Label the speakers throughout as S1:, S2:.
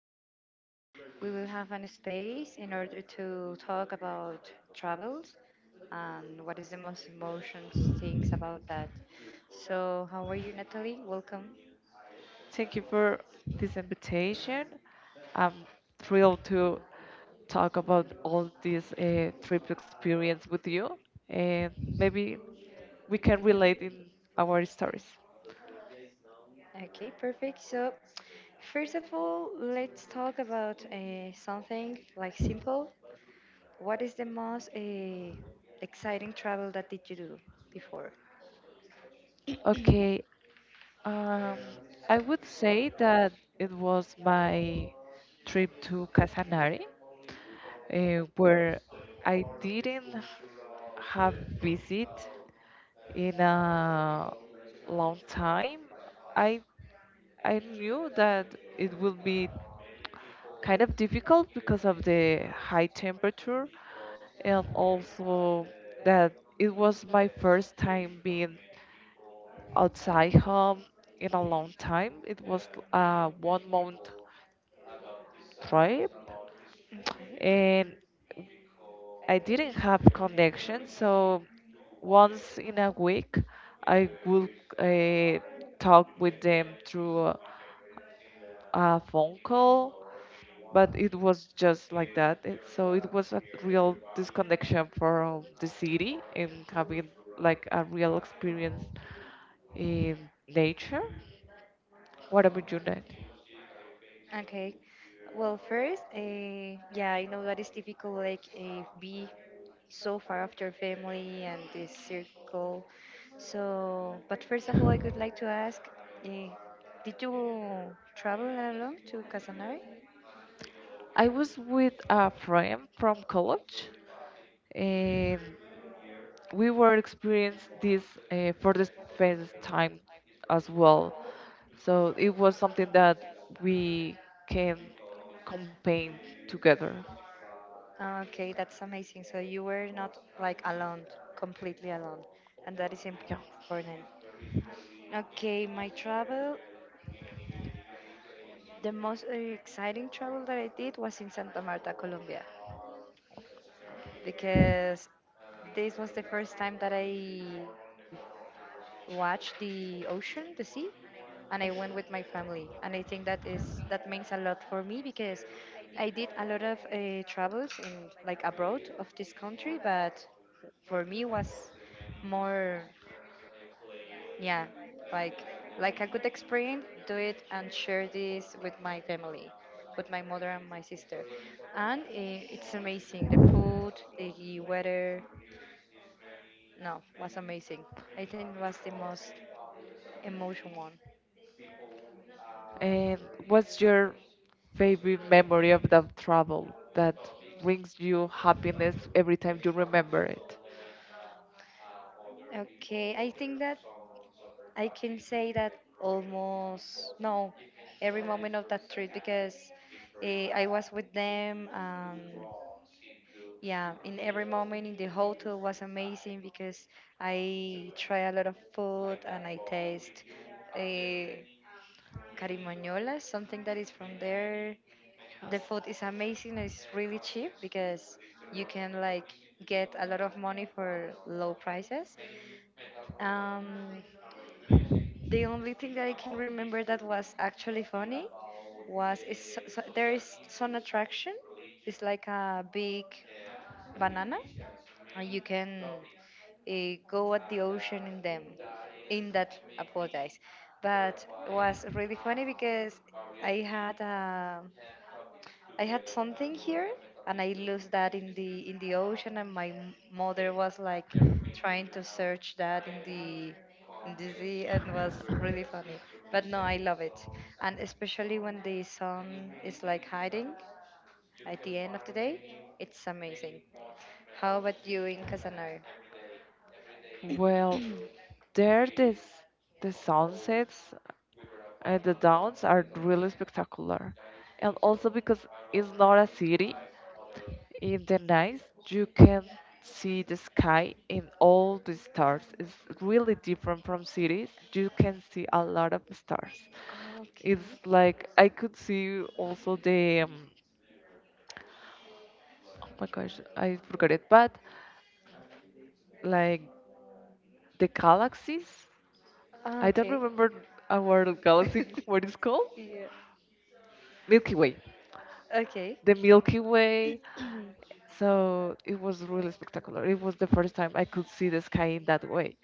S1: Here we will have an space in order to talk about travels and what is the most emotions things about that. So, how are you, Natalie? Welcome.
S2: Thank you for this invitation. I'm thrilled to talk about all this trip experience with you, and maybe we can relate in our stories.
S1: Okay, perfect. So, first of all, let's talk about something like simple. What is the most exciting travel that did you do before?
S2: Okay, um, I would say that it was my trip to Casanare, where I didn't have visit in a long time. I I knew that it will be kind of difficult because of the high temperature and also that it was my first time being outside home in a long time. It was a 1 month trip
S1: Okay.
S2: and I didn't have connection, so once in a week I would uh, talk with them through a phone call, but it was just like that. So it was a real disconnection from the city and having like a real experience in nature. What about you, Ned?
S1: Okay. Well, first, yeah, I know that it's difficult, like, be so far of your family and this circle. So, but first of all, I would like to ask, uh, did you travel alone to Casanare?
S2: I was with a friend from college, and we were experiencing this for the first time as well. So it was something that we can campaign together.
S1: Okay, that's amazing. So you were not like alone, completely alone, and that is
S2: Yeah.
S1: important. Okay, my travel, the most exciting travel that I did was in Santa Marta, Colombia, because this was the first time that I watch the ocean, the sea, and I went with my family. And I think that is that means a lot for me because I did a lot of travels in like abroad of this country, but for me was more, yeah, like a good experience. Do it and share this with my family, with my mother and my sister, and it's amazing. The food, the weather, no, was amazing. I think it was the most emotion one.
S2: And what's your favorite memory of that travel that brings you happiness every time you remember it?
S1: Okay, I think that I can say that almost no, every moment of that trip because I was with them. Yeah, in every moment in the hotel was amazing because I try a lot of food and I taste uh, carimañola, something that is from there. The food is amazing. It's really cheap because you can like get a lot of money for low prices. Um, the only thing that I can remember that was actually funny so, there is some attraction. It's like a big banana, and you can uh, go at the ocean in them. In that, apologize, but was really funny because I had a I had something here and I lost that in the ocean and my mother was like trying to search that in the sea and was really funny. But no, I love it. And especially when the sun is like hiding at the end of the day, it's amazing. How about you in Casanare?
S2: Well, there this the sunsets and the downs are really spectacular. And also because it's not a city, in the night, you can see the sky and all the stars. It's really different from cities. You can see a lot of stars.
S1: Okay.
S2: It's like I could see also the oh my gosh, I forgot it, but like the galaxies.
S1: Ah,
S2: I don't
S1: okay.
S2: remember our galaxy what it's called.
S1: yeah.
S2: Milky Way.
S1: Okay.
S2: The Milky Way. So it was really spectacular. It was the first time I could see the sky in that way.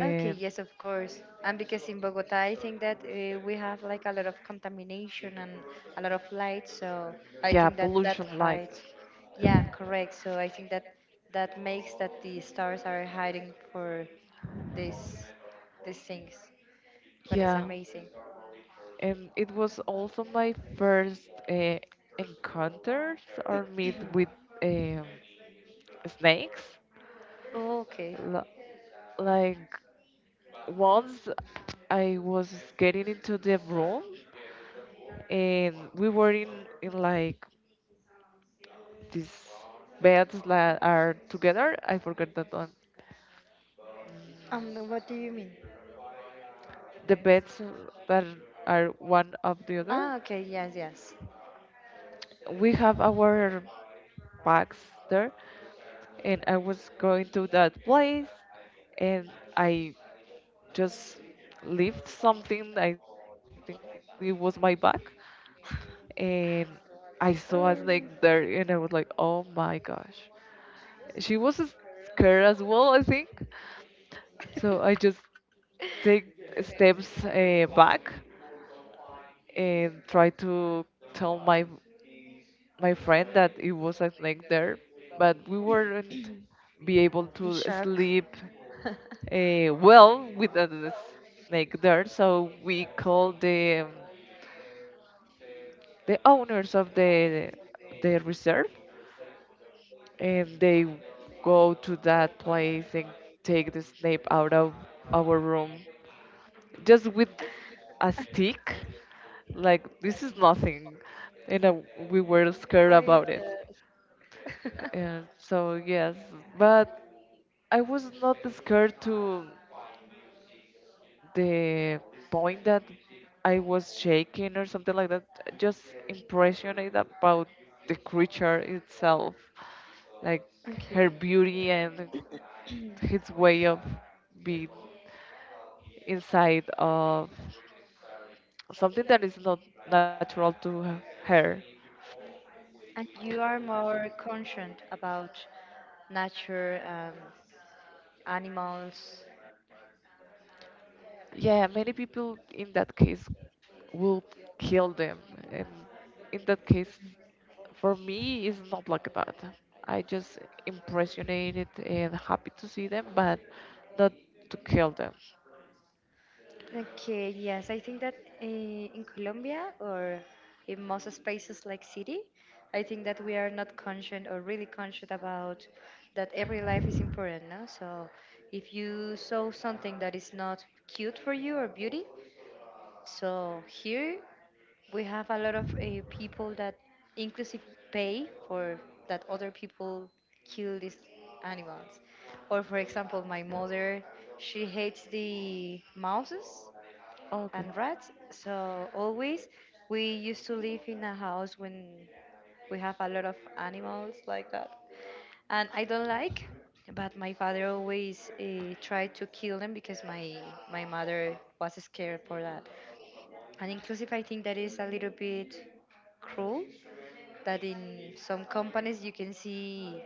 S1: Okay, yes, of course. And because in Bogota, I think that we have like a lot of contamination and a lot of light, so I
S2: Yeah,
S1: think that that
S2: pollution lights.
S1: hides. Yeah, correct. So I think that that makes that the stars are hiding for this these things, but it's
S2: Yeah,
S1: amazing.
S2: and it was also my first encounters or meet with um, snakes.
S1: Okay.
S2: L- like once I was getting into the room and we were in like these beds that are together. I forgot that one.
S1: What do you mean?
S2: The beds that are one of the other.
S1: Ah, okay, yes, yes.
S2: We have our bags there and I was going to that place and I just lifted something. I think it was my bag, and I saw a snake there,
S1: Um,
S2: and I was like, "Oh my gosh!" She was scared as well, I think. So I just take steps back and try to tell my friend that it was a snake there, but we weren't be able
S1: in
S2: to
S1: shock.
S2: sleep well with the snake there. So we called the the owners of the reserve, and they go to that place and take the snake out of our room, just with a stick. Like this is nothing, and we were
S1: Oh,
S2: scared about
S1: yes.
S2: it. And so yes, but I was not scared to the point that I was shaking or something like that, just impressioned about the creature itself, like her
S1: Okay.
S2: beauty and his way of being inside of something that is not natural to her.
S1: And you are more conscient about nature, animals.
S2: Yeah, many people in that case will kill them, and in that case, for me, it's not like that. I just impressionated and happy to see them, but not to kill them.
S1: Okay, yes, I think that in Colombia or in most spaces like city, I think that we are not conscious or really conscious about that every life is important, no? So if you saw something that is not cute for you or beauty, so here we have a lot of people that inclusive pay for that other people kill these animals. Or for example, my mother, she hates the mouses
S2: Okay.
S1: and rats. So always we used to live in a house when we have a lot of animals like that. And I don't like, but my father always tried to kill them because my mother was scared for that. And inclusive, I think that is a little bit cruel that in some companies you can see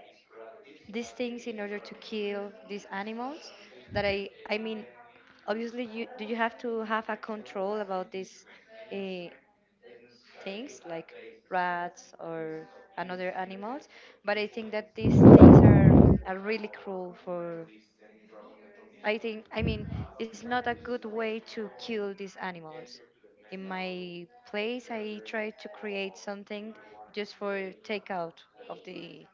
S1: these things in order to kill these animals that I mean obviously you have to have a control about these uh, things like rats or another animals but I think that these things are really cruel for I think, I mean, it's not a good way to kill these animals. In my place, I try to create something just for takeout of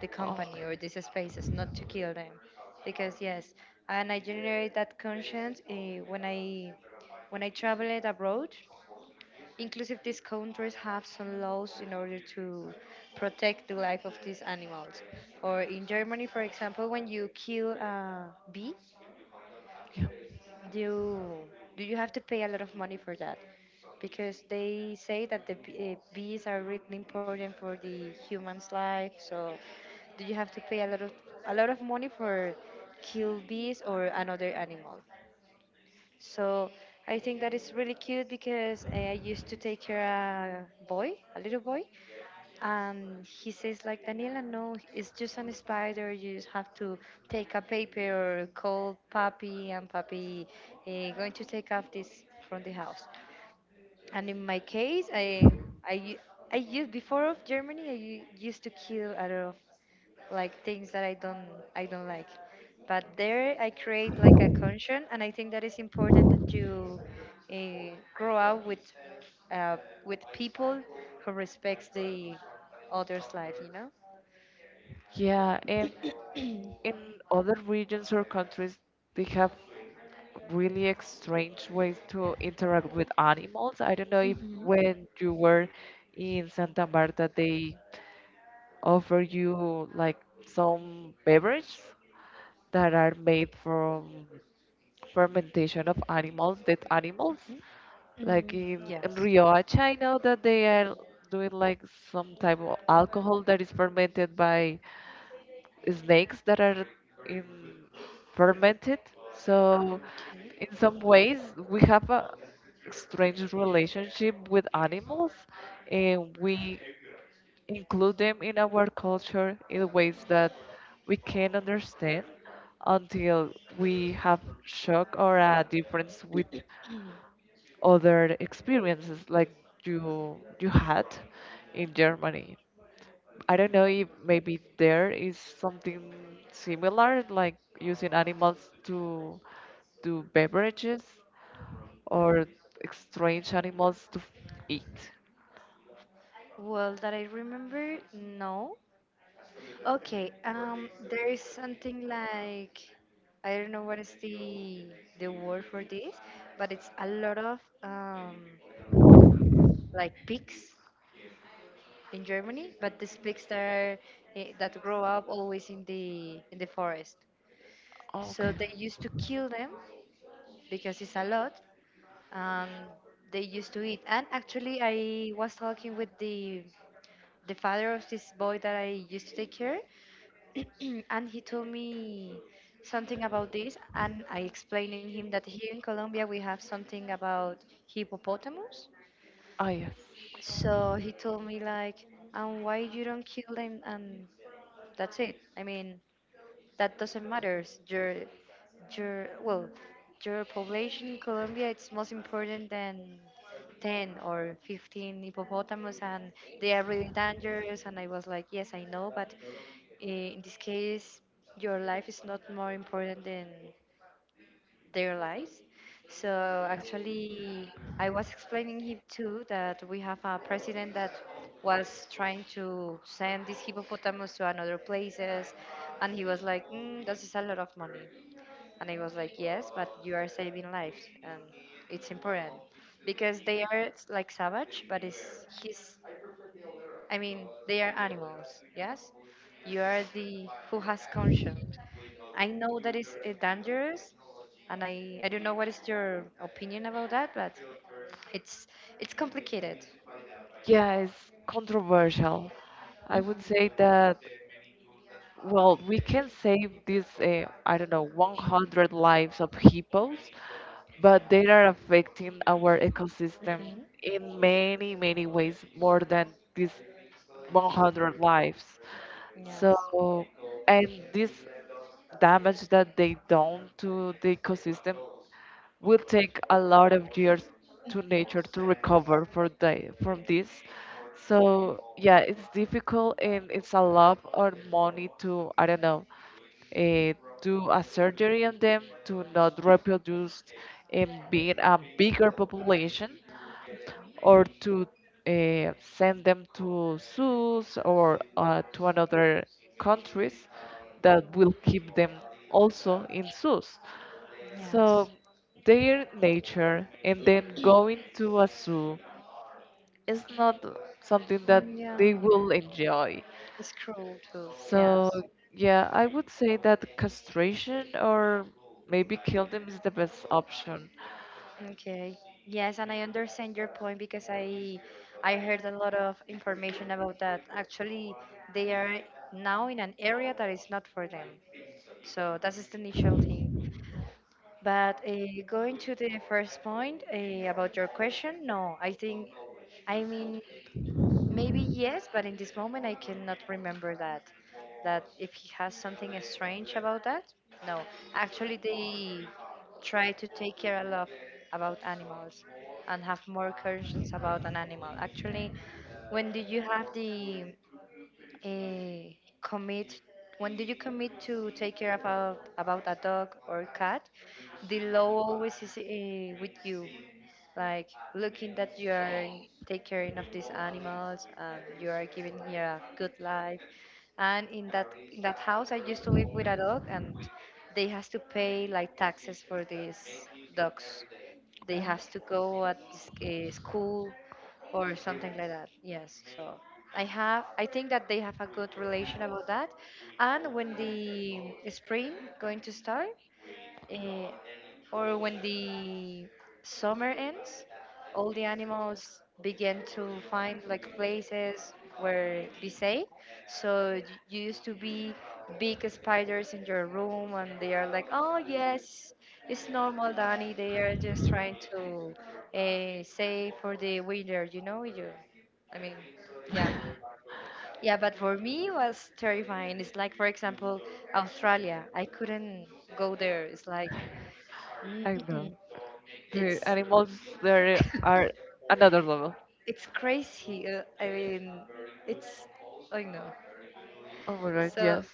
S1: the company or these spaces, not to kill them, because yes, and I generate that conscience when I traveled abroad. Inclusive, these countries have some laws in order to protect the life of these animals. Or in Germany, for example, when you kill a bee, do do you have to pay a lot of money for that? Because they say that the bees are really important for the human's life. So, do you have to pay a lot of money for kill bees or another animal? So, I think that is really cute because I used to take care a boy, a little boy, and he says like, Daniela, no, it's just an spider, you just have to take a paper or call papi and papi going to take off this from the house and in my case i u- I used before of Germany I used to kill a lot of like things that I don't like. But there I create like a conscience, and I think that is important that you grow up uh, with people who respects the other's life. You know.
S2: Yeah, and in other regions or countries, they have really strange ways to interact with animals. I don't know if when you were in Santa Marta, they offer you like some beverages that are made from fermentation of animals, dead animals.
S1: Mhm.
S2: Like in
S1: Yes.
S2: Rioja, I know that they are doing like some type of alcohol that is fermented by snakes that are in fermented. So
S1: Okay.
S2: in some ways, we have a strange relationship with animals, and we include them in our culture in ways that we can not understand until we have shock or a difference with other experiences like you had in Germany. I don't know if maybe there is something similar, like using animals to do beverages or strange animals to eat.
S1: Well, that I remember, no. Okay, there is something like I don't know what is the word for this, but it's a lot of like pigs in Germany, but these pigs that are that grow up always in the forest. So
S2: Okay.
S1: they used to kill them because it's a lot, and they used to eat. And actually, I was talking with the father of this boy that I used to take care, and he told me something about this, and I explained in him that here in Colombia we have something about hippopotamus.
S2: Ah, yes.
S1: So he told me like, and why you don't kill them, and that's it. I mean, that doesn't matter. Your well, your population in Colombia it's most important than 10 or 15 hippopotamus and they are really dangerous and I was like, yes, I know, but in this case your life is not more important than their lives. So actually, I was explaining him too that we have a president that was trying to send these hippopotamus to another places, and he was like, mm, "This is a lot of money," and I was like, "Yes, but you are saving lives, and it's important because they are like savage, but it's his I mean, they are animals, yes? You are the who has conscience. I know that is dangerous, and I don't know what is your opinion about that, but it's it's complicated.
S2: Yeah, it's controversial. I
S1: Hmm.
S2: would say that, well, we can save these, I don't know, 100 lives of hippos, but they are affecting our ecosystem
S1: Hmm.
S2: in many, many ways more than these 100 lives. So,
S1: Yes.
S2: and this damage that they done to the ecosystem will take a lot of years to nature
S1: Mhm.
S2: to recover for the, from this. So yeah, it's difficult and it's a lot of money to, I don't know, uh, do a surgery on them to not reproduce and being a bigger population, or to send them to zoos or to another countries that will keep them also in zoos.
S1: Yes.
S2: So their nature and then going to a zoo is not something that
S1: Mm, yeah.
S2: they will enjoy.
S1: It's cruel too.
S2: So
S1: Yes.
S2: yeah, I would say that castration or maybe kill them is the best option.
S1: Okay. Yes, and I understand your point because I heard a lot of information about that. Actually, they are now in an area that is not for them. So that is the initial thing. But going to the first point about your question, no, I think I mean maybe yes, but in this moment I cannot remember that. That if he has something strange about that, no. Actually, they try to take care a lot about animals and have more conscience about an animal. Actually, when did you have the uh, commit when do you commit to take care about a dog or cat, the law always is with you like looking that you are take care of these animals and you are giving here a good life and in that house I used to live with a dog and they has to pay like taxes for these dogs, they has to go at this, school or something like that. Yes. So I think that they have a good relation about that. And when the spring going to start, eh, or when the summer ends, all the animals begin to find like places where be safe. So you used to be big spiders in your room, and they are like, "Oh yes, it's normal, Danny. They are just trying to save for the winter, you know." You, I mean, yeah. Yeah, but for me it was terrifying. It's like, for example, Australia. I couldn't go there. It's like mm,
S2: I
S1: mm, mm.
S2: know. The
S1: It's
S2: animals there are another level.
S1: it's crazy. I mean, it's I know.
S2: Oh my god,
S1: So
S2: yes.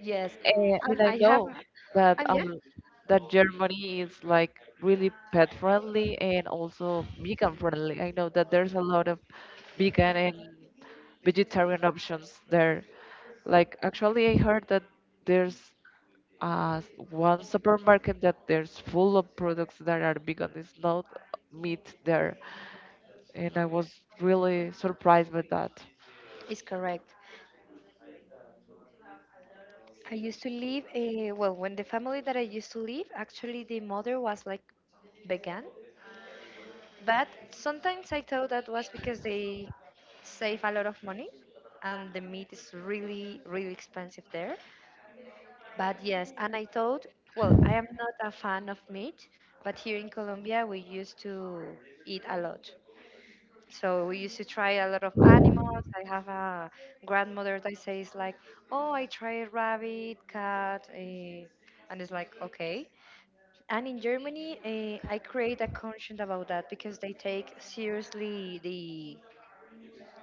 S1: yes,
S2: And
S1: and
S2: I
S1: I have,
S2: know that
S1: and yeah,
S2: that Germany is like really pet friendly and also vegan friendly. I know that there's a lot of vegan and vegetarian options there. Like actually, I heard that there's uh, one supermarket that there's full of products that are vegan. It's not meat there, and I was really surprised with that.
S1: it's correct. I used to live. Well, when the family that I used to live, actually, the mother was like vegan, but sometimes I thought that was because they save a lot of money, and the meat is really, really expensive there. But yes, and I thought, well, I am not a fan of meat, but here in Colombia we used to eat a lot. So we used to try a lot of animals. I have a grandmother that says like, "Oh, I tried rabbit, cat," and it's like, "Okay." And in Germany, I create a conscience about that because they take seriously the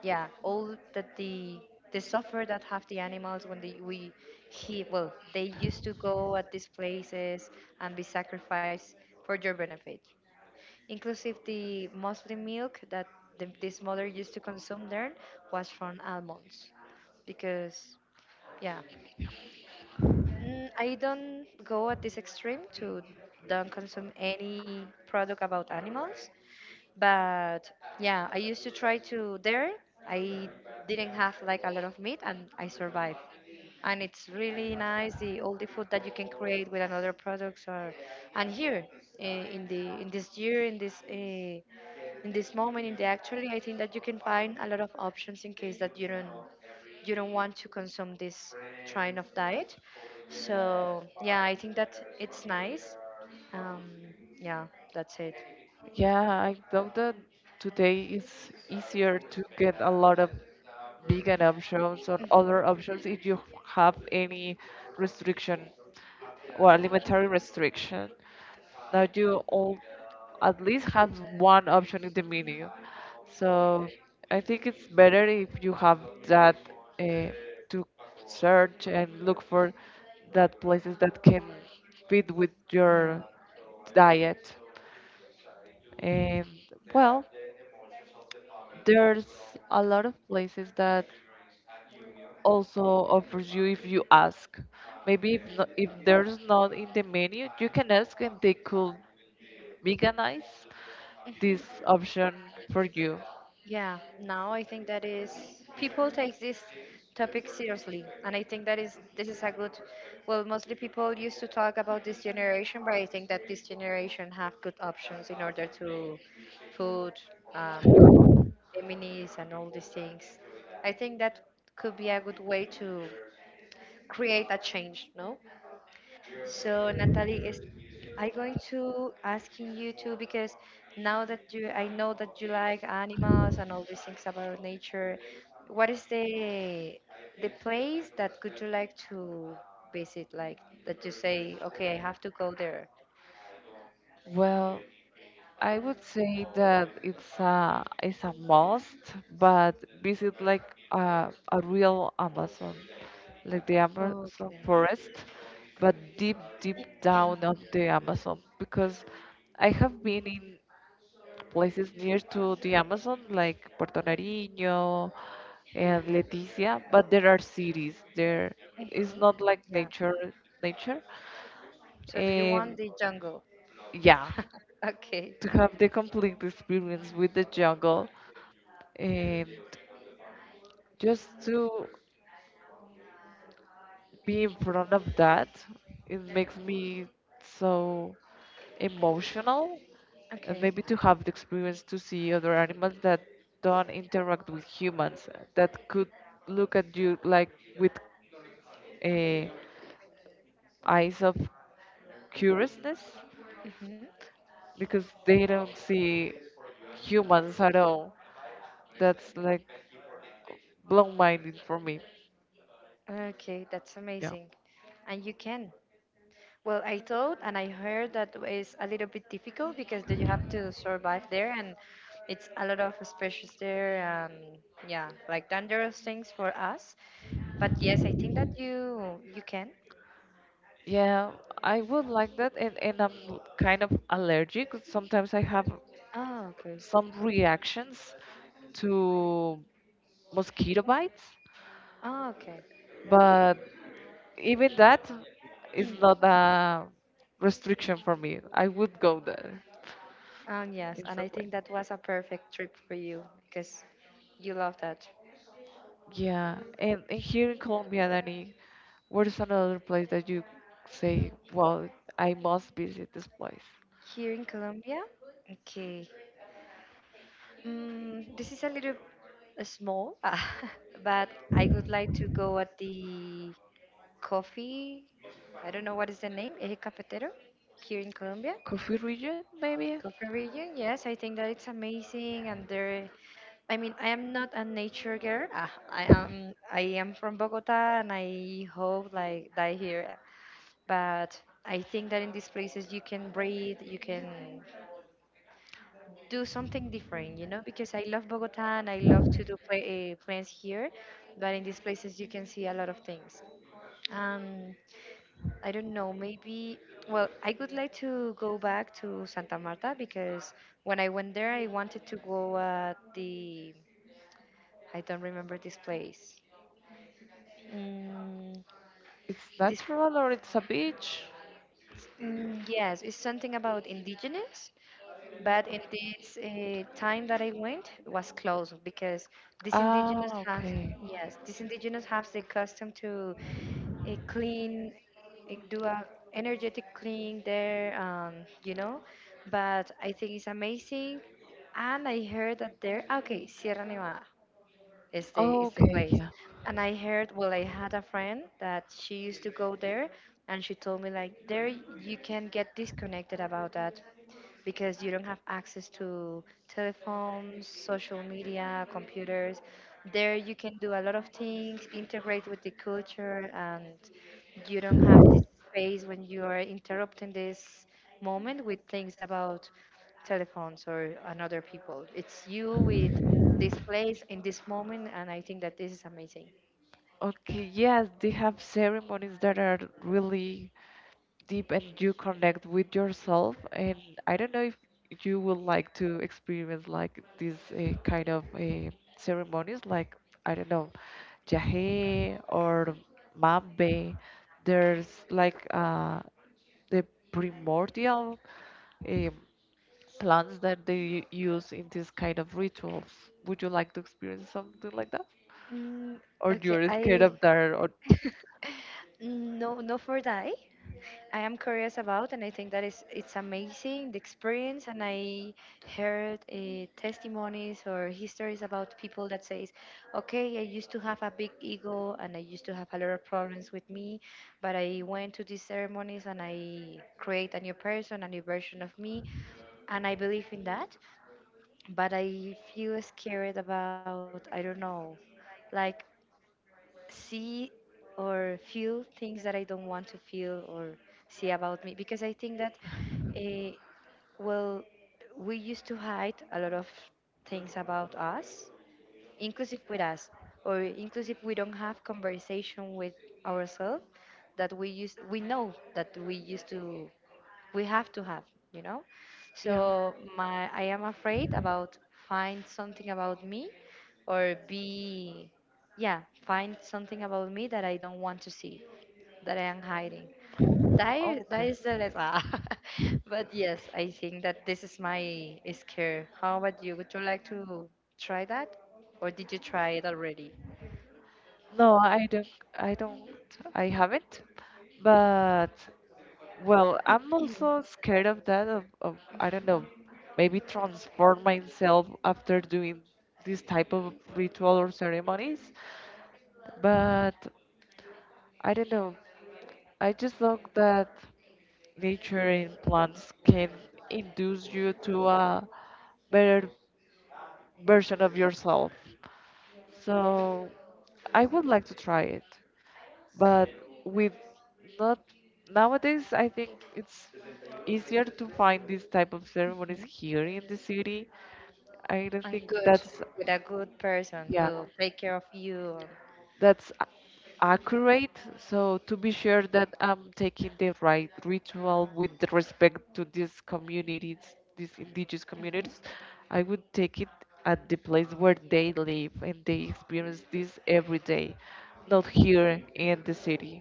S1: yeah all that the suffer that have the animals when they we he well they used to go at these places and be sacrificed for your benefit. Inclusive, the mostly milk that this mother used to consume there was from almonds, because yeah. I don't go at this extreme to don't consume any product about animals, but yeah, I used to try to there. I didn't have like a lot of meat and I survived. And it's really nice the all the food that you can create with another products. Or and here, in the in this year in this moment in the actually, I think that you can find a lot of options in case that you don't want to consume this kind of diet. So yeah, I think that it's nice. Um, yeah, that's it.
S2: Yeah, I thought that today it's easier to get a lot of vegan options or
S1: Mhm.
S2: other options if you have any restriction or alimentary restriction. Now you all at least have one option in the menu. So I think it's better if you have that uh, to search and look for that places that can fit with
S1: Yeah.
S2: your diet. And well, there's a lot of places that also offers you if you ask. Maybe if, no, if there's not in the menu, you can ask and they could veganize this
S1: Hmm.
S2: option for you.
S1: Yeah. Now I think that is people take this topic seriously, and I think that is this is a good. Well, mostly people used to talk about this generation, but I think that this generation have good options in order to food, um, feminists, and all these things. I think that could be a good way to create a change. No. So Natalie, is I going to asking you too because now that you I know that you like animals and all these things about nature, what is the place that could you like to visit? Like that you say, okay, I have to go there.
S2: Well, I would say that it's a must, but visit like a real Amazon, like the Amazon
S1: Okay.
S2: forest, but deep deep down of the Amazon because I have been in places near to the Amazon like Puerto Nariño and Leticia, but there are cities. There is
S1: Hmm.
S2: not like
S1: Yeah.
S2: nature.
S1: So do you want
S2: And
S1: the jungle?
S2: yeah,
S1: Okay.
S2: to have the complete experience with the jungle and just to be in front of that, it makes me so emotional, and
S1: Okay.
S2: maybe to have the experience to see other animals that don't interact with humans, that could look at you like with eh, eyes of curiousness
S1: Hmm.
S2: because they don't see humans at all. That's like blown minded for me.
S1: Okay, that's
S2: Yeah.
S1: amazing. And you can. Well, I thought and I heard that it's a little bit difficult because that you have to survive there, and it's a lot of species there, and yeah, like dangerous things for us. But yes, I think that you can.
S2: Yeah, I would like that, and I'm kind of allergic. Sometimes I have
S1: Oh, okay.
S2: some reactions to mosquito bites,
S1: Oh, okay.
S2: but even that is not a restriction for me. I would go there
S1: Yes,
S2: in
S1: and I
S2: some way.
S1: think that was a perfect trip for you because you love that.
S2: Yeah, and here in Colombia, Danny, what is another place that you say, well, I must visit this place?
S1: Here in Colombia, okay. This is a little small, but I would like to go at the coffee. I don't know what is the name, Eje Cafetero, here in Colombia.
S2: Coffee region, maybe?
S1: Coffee region, yes, I think that it's amazing. And there, I mean, I am not a nature girl. Ah, I am from Bogota, and I hope like die here. But I think that in these places you can breathe, you can do something different, you know. Because I love Bogota, and I love to do play, plans here, but in these places you can see a lot of things. Um, I don't know, maybe, well, I would like to go back to Santa Marta because when I went there, I wanted to go at the, I don't remember this place. Mm,
S2: It's
S1: this,
S2: natural or it's a beach?
S1: yes, it's something about indigenous, but in this time that I went, it was closed because these
S2: Ah,
S1: indigenous have,
S2: okay.
S1: yes, these indigenous have the custom to a clean do a energetic clean there. You know, but I think it's amazing, and I heard that they're okay, Sierra Nevada is
S2: Oh,
S1: the
S2: okay,
S1: place.
S2: yeah.
S1: And I heard, well, I had a friend that she used to go there, and she told me like there you can get disconnected about that because you don't have access to telephones, social media, computers. There you can do a lot of things, integrate with the culture, and you don't have this space when you are interrupting this moment with things about telephones or another people. It's you with this place in this moment, and I think that this is amazing.
S2: Okay, yes, they have ceremonies that are really deep and you connect with yourself. And I don't know if you would like to experience like these kind of ceremonies, like, I don't know, Jahe or Mambe. There's like the primordial um, plants that they use in these kind of rituals. Would you like to experience something like that?
S1: Mm,
S2: Or
S1: okay,
S2: you're scared
S1: I
S2: of that? Or
S1: no no for die. I am curious about, and I think that is it's amazing the experience. And I heard testimonies or histories about people that says, "Okay, I used to have a big ego, and I used to have a lot of problems with me, but I went to these ceremonies and I create a new person, a new version of me, and I believe in that, but I feel scared about, I don't know, like see or feel things that I don't want to feel or see about me because I think that, uh, well, we used to hide a lot of things about us, inclusive with us, or inclusive we don't have conversation with ourselves that we use we know that we used to we have to have, you know.
S2: yeah,
S1: So my I am afraid about find something about me or be, yeah, find something about me that I don't want to see, that I am hiding, that
S2: okay.
S1: is the ah. But yes, I think that this is my scare. How about you, would you like to try that, or did you try it already?
S2: No, I don't. I don't. I haven't. But, well, I'm also scared of that, of, I don't know, maybe transform myself after doing this type of ritual or ceremonies. But I don't know. I just think that nature and plants can induce you to a better version of yourself. So I would like to try it, but with not nowadays. I think it's easier to find these type of ceremonies
S1: Hmm.
S2: here in the city. I don't
S1: And
S2: think
S1: good,
S2: that's
S1: with a good person
S2: yeah,
S1: who take care of you.
S2: that's a- accurate, so to be sure that I'm taking the right ritual with the respect to these communities, these indigenous
S1: And hmm,
S2: communities. I would take it at the place where they live and they experience this every day, not here in the city.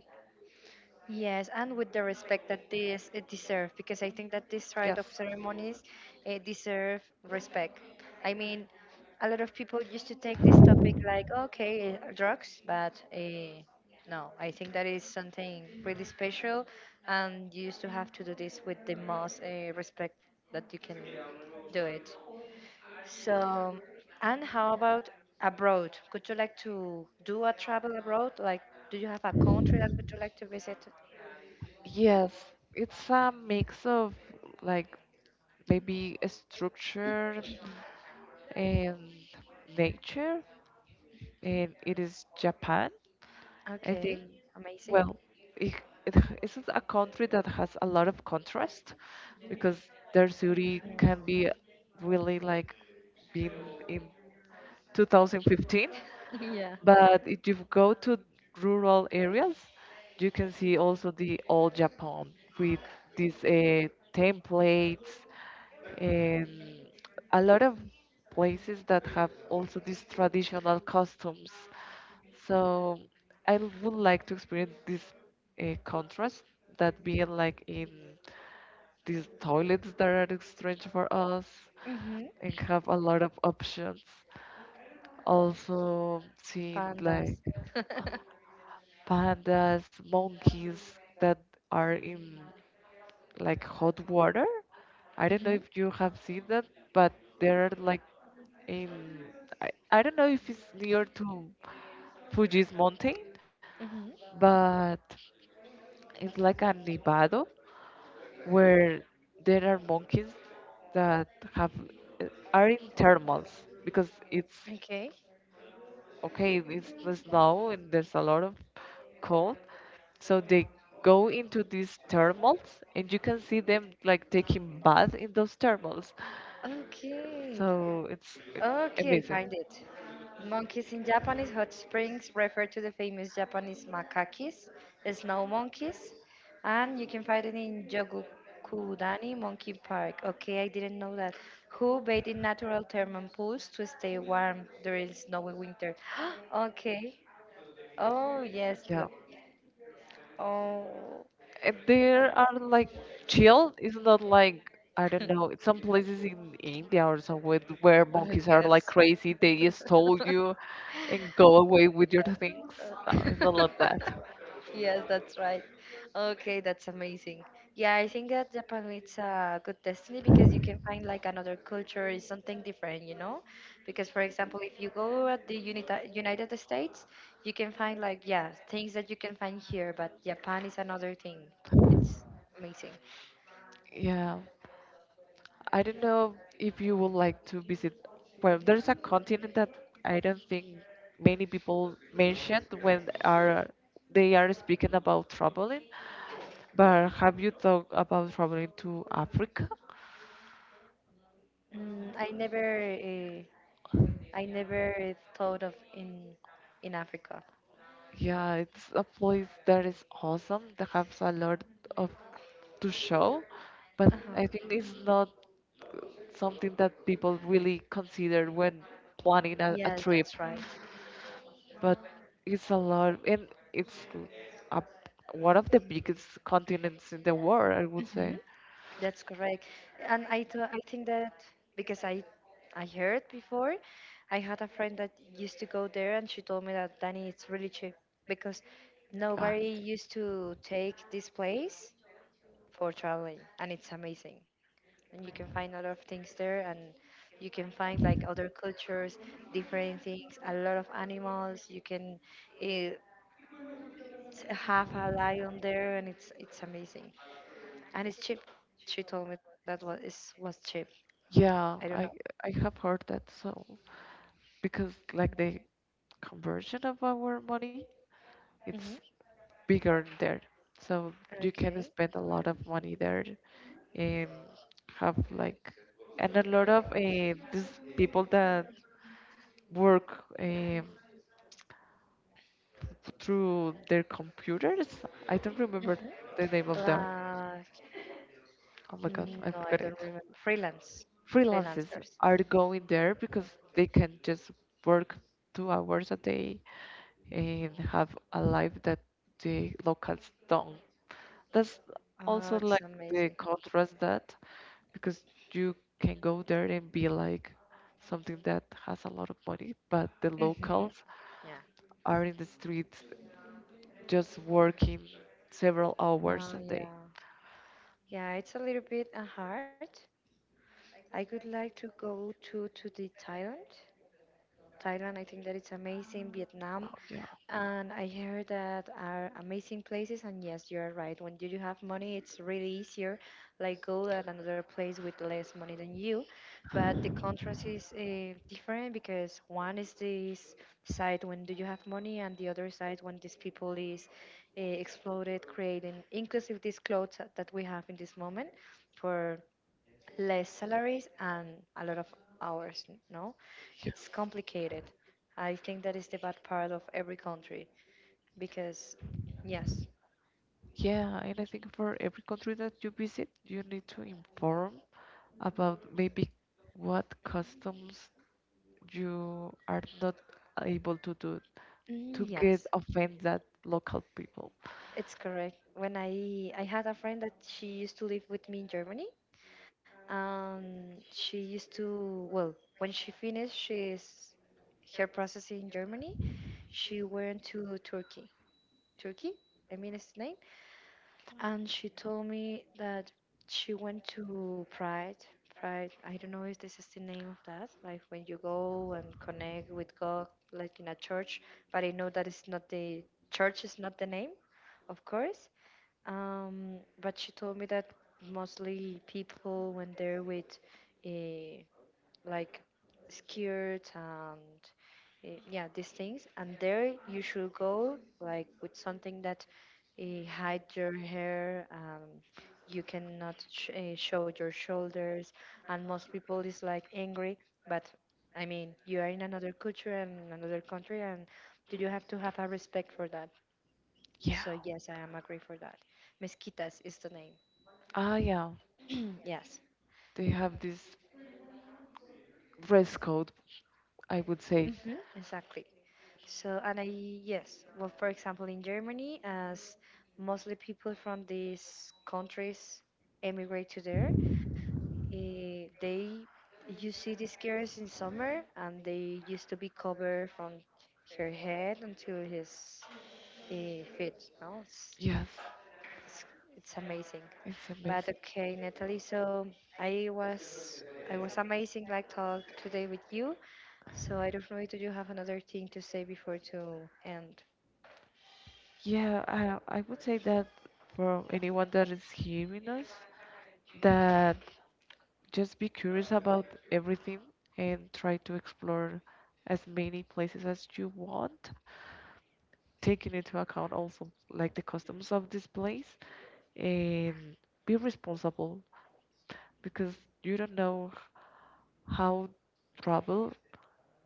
S1: yes, and with the respect that this it deserve, because I think that this rite
S2: Yes.
S1: of ceremonies deserve respect. I mean, a lot of people used to take this topic like, okay, drugs, but no, I think that is something really special, and you used to have to do this with the most respect that you can do it. So, and how about abroad? Would you like to do a travel abroad? Like, do you have a country that would you like to visit?
S2: Yes, it's a mix of like maybe a structure and nature,
S1: Mm,
S2: and it is Japan. I think,
S1: okay, amazing.
S2: well, it, it, this is a country that has a lot of contrast because their city
S1: Mhm.
S2: can be really like being in 2015,
S1: Yeah.
S2: but if you go to rural areas, you can see also the old Japan with these templates and a lot of places that have also these traditional customs. So I would like to experience this contrast, that being like in these toilets that are strange for us
S1: Mhm.
S2: and have a lot of options. Also seeing like
S1: Pandas.
S2: pandas, monkeys that are in like hot water. I don't know
S1: Mhm.
S2: if you have seen that, but they're like in, I don't know if it's near to Fuji's mountain,
S1: Mhm.
S2: but it's like a nevado where there are monkeys that have uh, are in thermals because it's
S1: Okay.
S2: okay, it's snow and there's a lot of cold. So they go into these thermals and you can see them like taking bath in those thermals.
S1: Okay.
S2: So
S1: Okay,
S2: amazing.
S1: find it. Monkeys in Japanese hot springs refer to the famous Japanese makakis, snow monkeys, and you can find it in Yogokudani Monkey Park. Okay, I didn't know that. Who bathe in natural thermal pools to stay warm during snowy winter? Okay. Oh yes,
S2: Yeah.
S1: look. Oh.
S2: And there are like chill. It's not like, I don't know, some places in India or somewhere where monkeys are like crazy. They just stole you and go away with your things. No, it's not like that.
S1: Yes, that's right. Okay, that's amazing. Yeah, I think that Japan it's a good destiny because you can find like another culture is something different, you know? Because for example, if you go at the Unita United States, you can find like yeah, things that you can find here, but Japan is another thing. It's amazing.
S2: Yeah. I don't know if you would like to visit. Well, there's a continent that I don't think many people mentioned when are they are speaking about traveling. But have you thought about traveling to Africa?
S1: Mm, I never uh, I never thought of in Africa.
S2: Yeah, it's a place that is awesome, that has a lot of to show, but
S1: Uh-huh.
S2: I think it's not something that people really consider when planning a
S1: Yes,
S2: trip.
S1: that's right.
S2: But it's a lot, and it's l- a, one of the biggest continents in the world, I would
S1: Hmm.
S2: say.
S1: That's correct. And I, I think that because I heard before, I had a friend that used to go there, and she told me that Danny it's really cheap because
S2: God.
S1: nobody used to take this place for traveling, and it's amazing. And you can find a lot of things there, and you can find like other cultures, different things, a lot of animals. You can uh, have a lion there, and it's amazing. And it's cheap. She told me that was cheap. I don't
S2: Yeah,
S1: know.
S2: I have heard that so because like the conversion of our money,
S1: Mhm.
S2: it's bigger there. So you can
S1: Okay.
S2: spend a lot of money there and have like, and a lot of these people that work through their computers. I don't remember
S1: Mhm.
S2: the name of that.
S1: Like
S2: Oh my god,
S1: mm,
S2: I
S1: no, I
S2: forgot
S1: don't
S2: it.
S1: remember. Freelance,
S2: Freelancers
S1: freelancers.
S2: are going there because they can just work 2 hours a day and have a life that the locals don't. That's
S1: Oh,
S2: also
S1: it's
S2: like the
S1: amazing.
S2: contrast, that because you can go there and be like something that has a lot of money, but the
S1: Mhm.
S2: locals
S1: Yeah.
S2: are in the streets just working several hours
S1: No,
S2: a day.
S1: yeah, yeah. It's a little bit hard. I would like to go to the Thailand. Thailand, I think that it's amazing. Vietnam.
S2: Oh, yeah.
S1: And I heard that are amazing places, and yes, you are right. When you do have money, it's really easier, like go at another place with less money than you. But the contrast is different because one is this side when do you have money, and the other side when these people is exploded, creating inclusive these clothes that we have in this moment for less salaries and a lot of hours. No, it's complicated. I think that is the bad part of every country because yes
S2: Yeah, and I think for every country that you visit, you need to inform about maybe what customs you are not able to do, to
S1: mm,
S2: get
S1: yes
S2: offend that local people.
S1: it's correct when I had a friend that she used to live with me in Germany, and she used to well when she finished she's her process in Germany, she went to Turkey. Turkey, I mean, it's the name. And she told me that she went to Pride. Pride, I don't know if this is the name of that, like when you go and connect with God, like in a church, but I know that it's not the church is not the name, of course. But she told me that mostly people when they're with uh, like skirts, and yeah these things, and there you should go like with something that hide your hair. You cannot show your shoulders, and most people is like angry, but I mean you are in another culture and another country, and do you have to have a respect for that.
S2: Yeah.
S1: So yes, I am agree for that. Mezquitas is the name.
S2: Ah, yeah.
S1: Yes.
S2: They have this dress code, I would say.
S1: Hmm, exactly. So, and I, yes, well, for example, in Germany, as mostly people from these countries emigrate to there, eh, they you see these girls in summer, and they used to be covered from her head until his feet. No,
S2: Yes,
S1: it's amazing.
S2: it's
S1: But
S2: amazing.
S1: okay, Natalie. So I was I was amazing like talk today with you. So I don't know. Do you have another thing to say before to end?
S2: Yeah, I would say that for anyone that is hearing us, that just be curious about everything and try to explore as many places as you want, taking into account also like the customs of this place, and be responsible because you don't know how trouble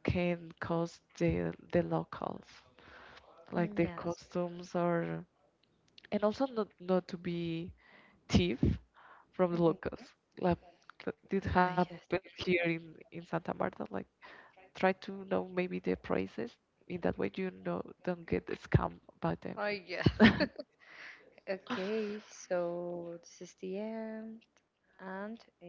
S2: can cause the locals, like
S1: Mm,
S2: their
S1: yes.
S2: costumes are. And also not, not to be thief from the
S1: Hmm.
S2: locals, like that did
S1: Ah,
S2: happen
S1: yes.
S2: here in Santa Marta. Like try to know maybe the prices, in that way, you know, don't get scammed by them.
S1: Oh, yeah. Okay, so this is the end, and uh,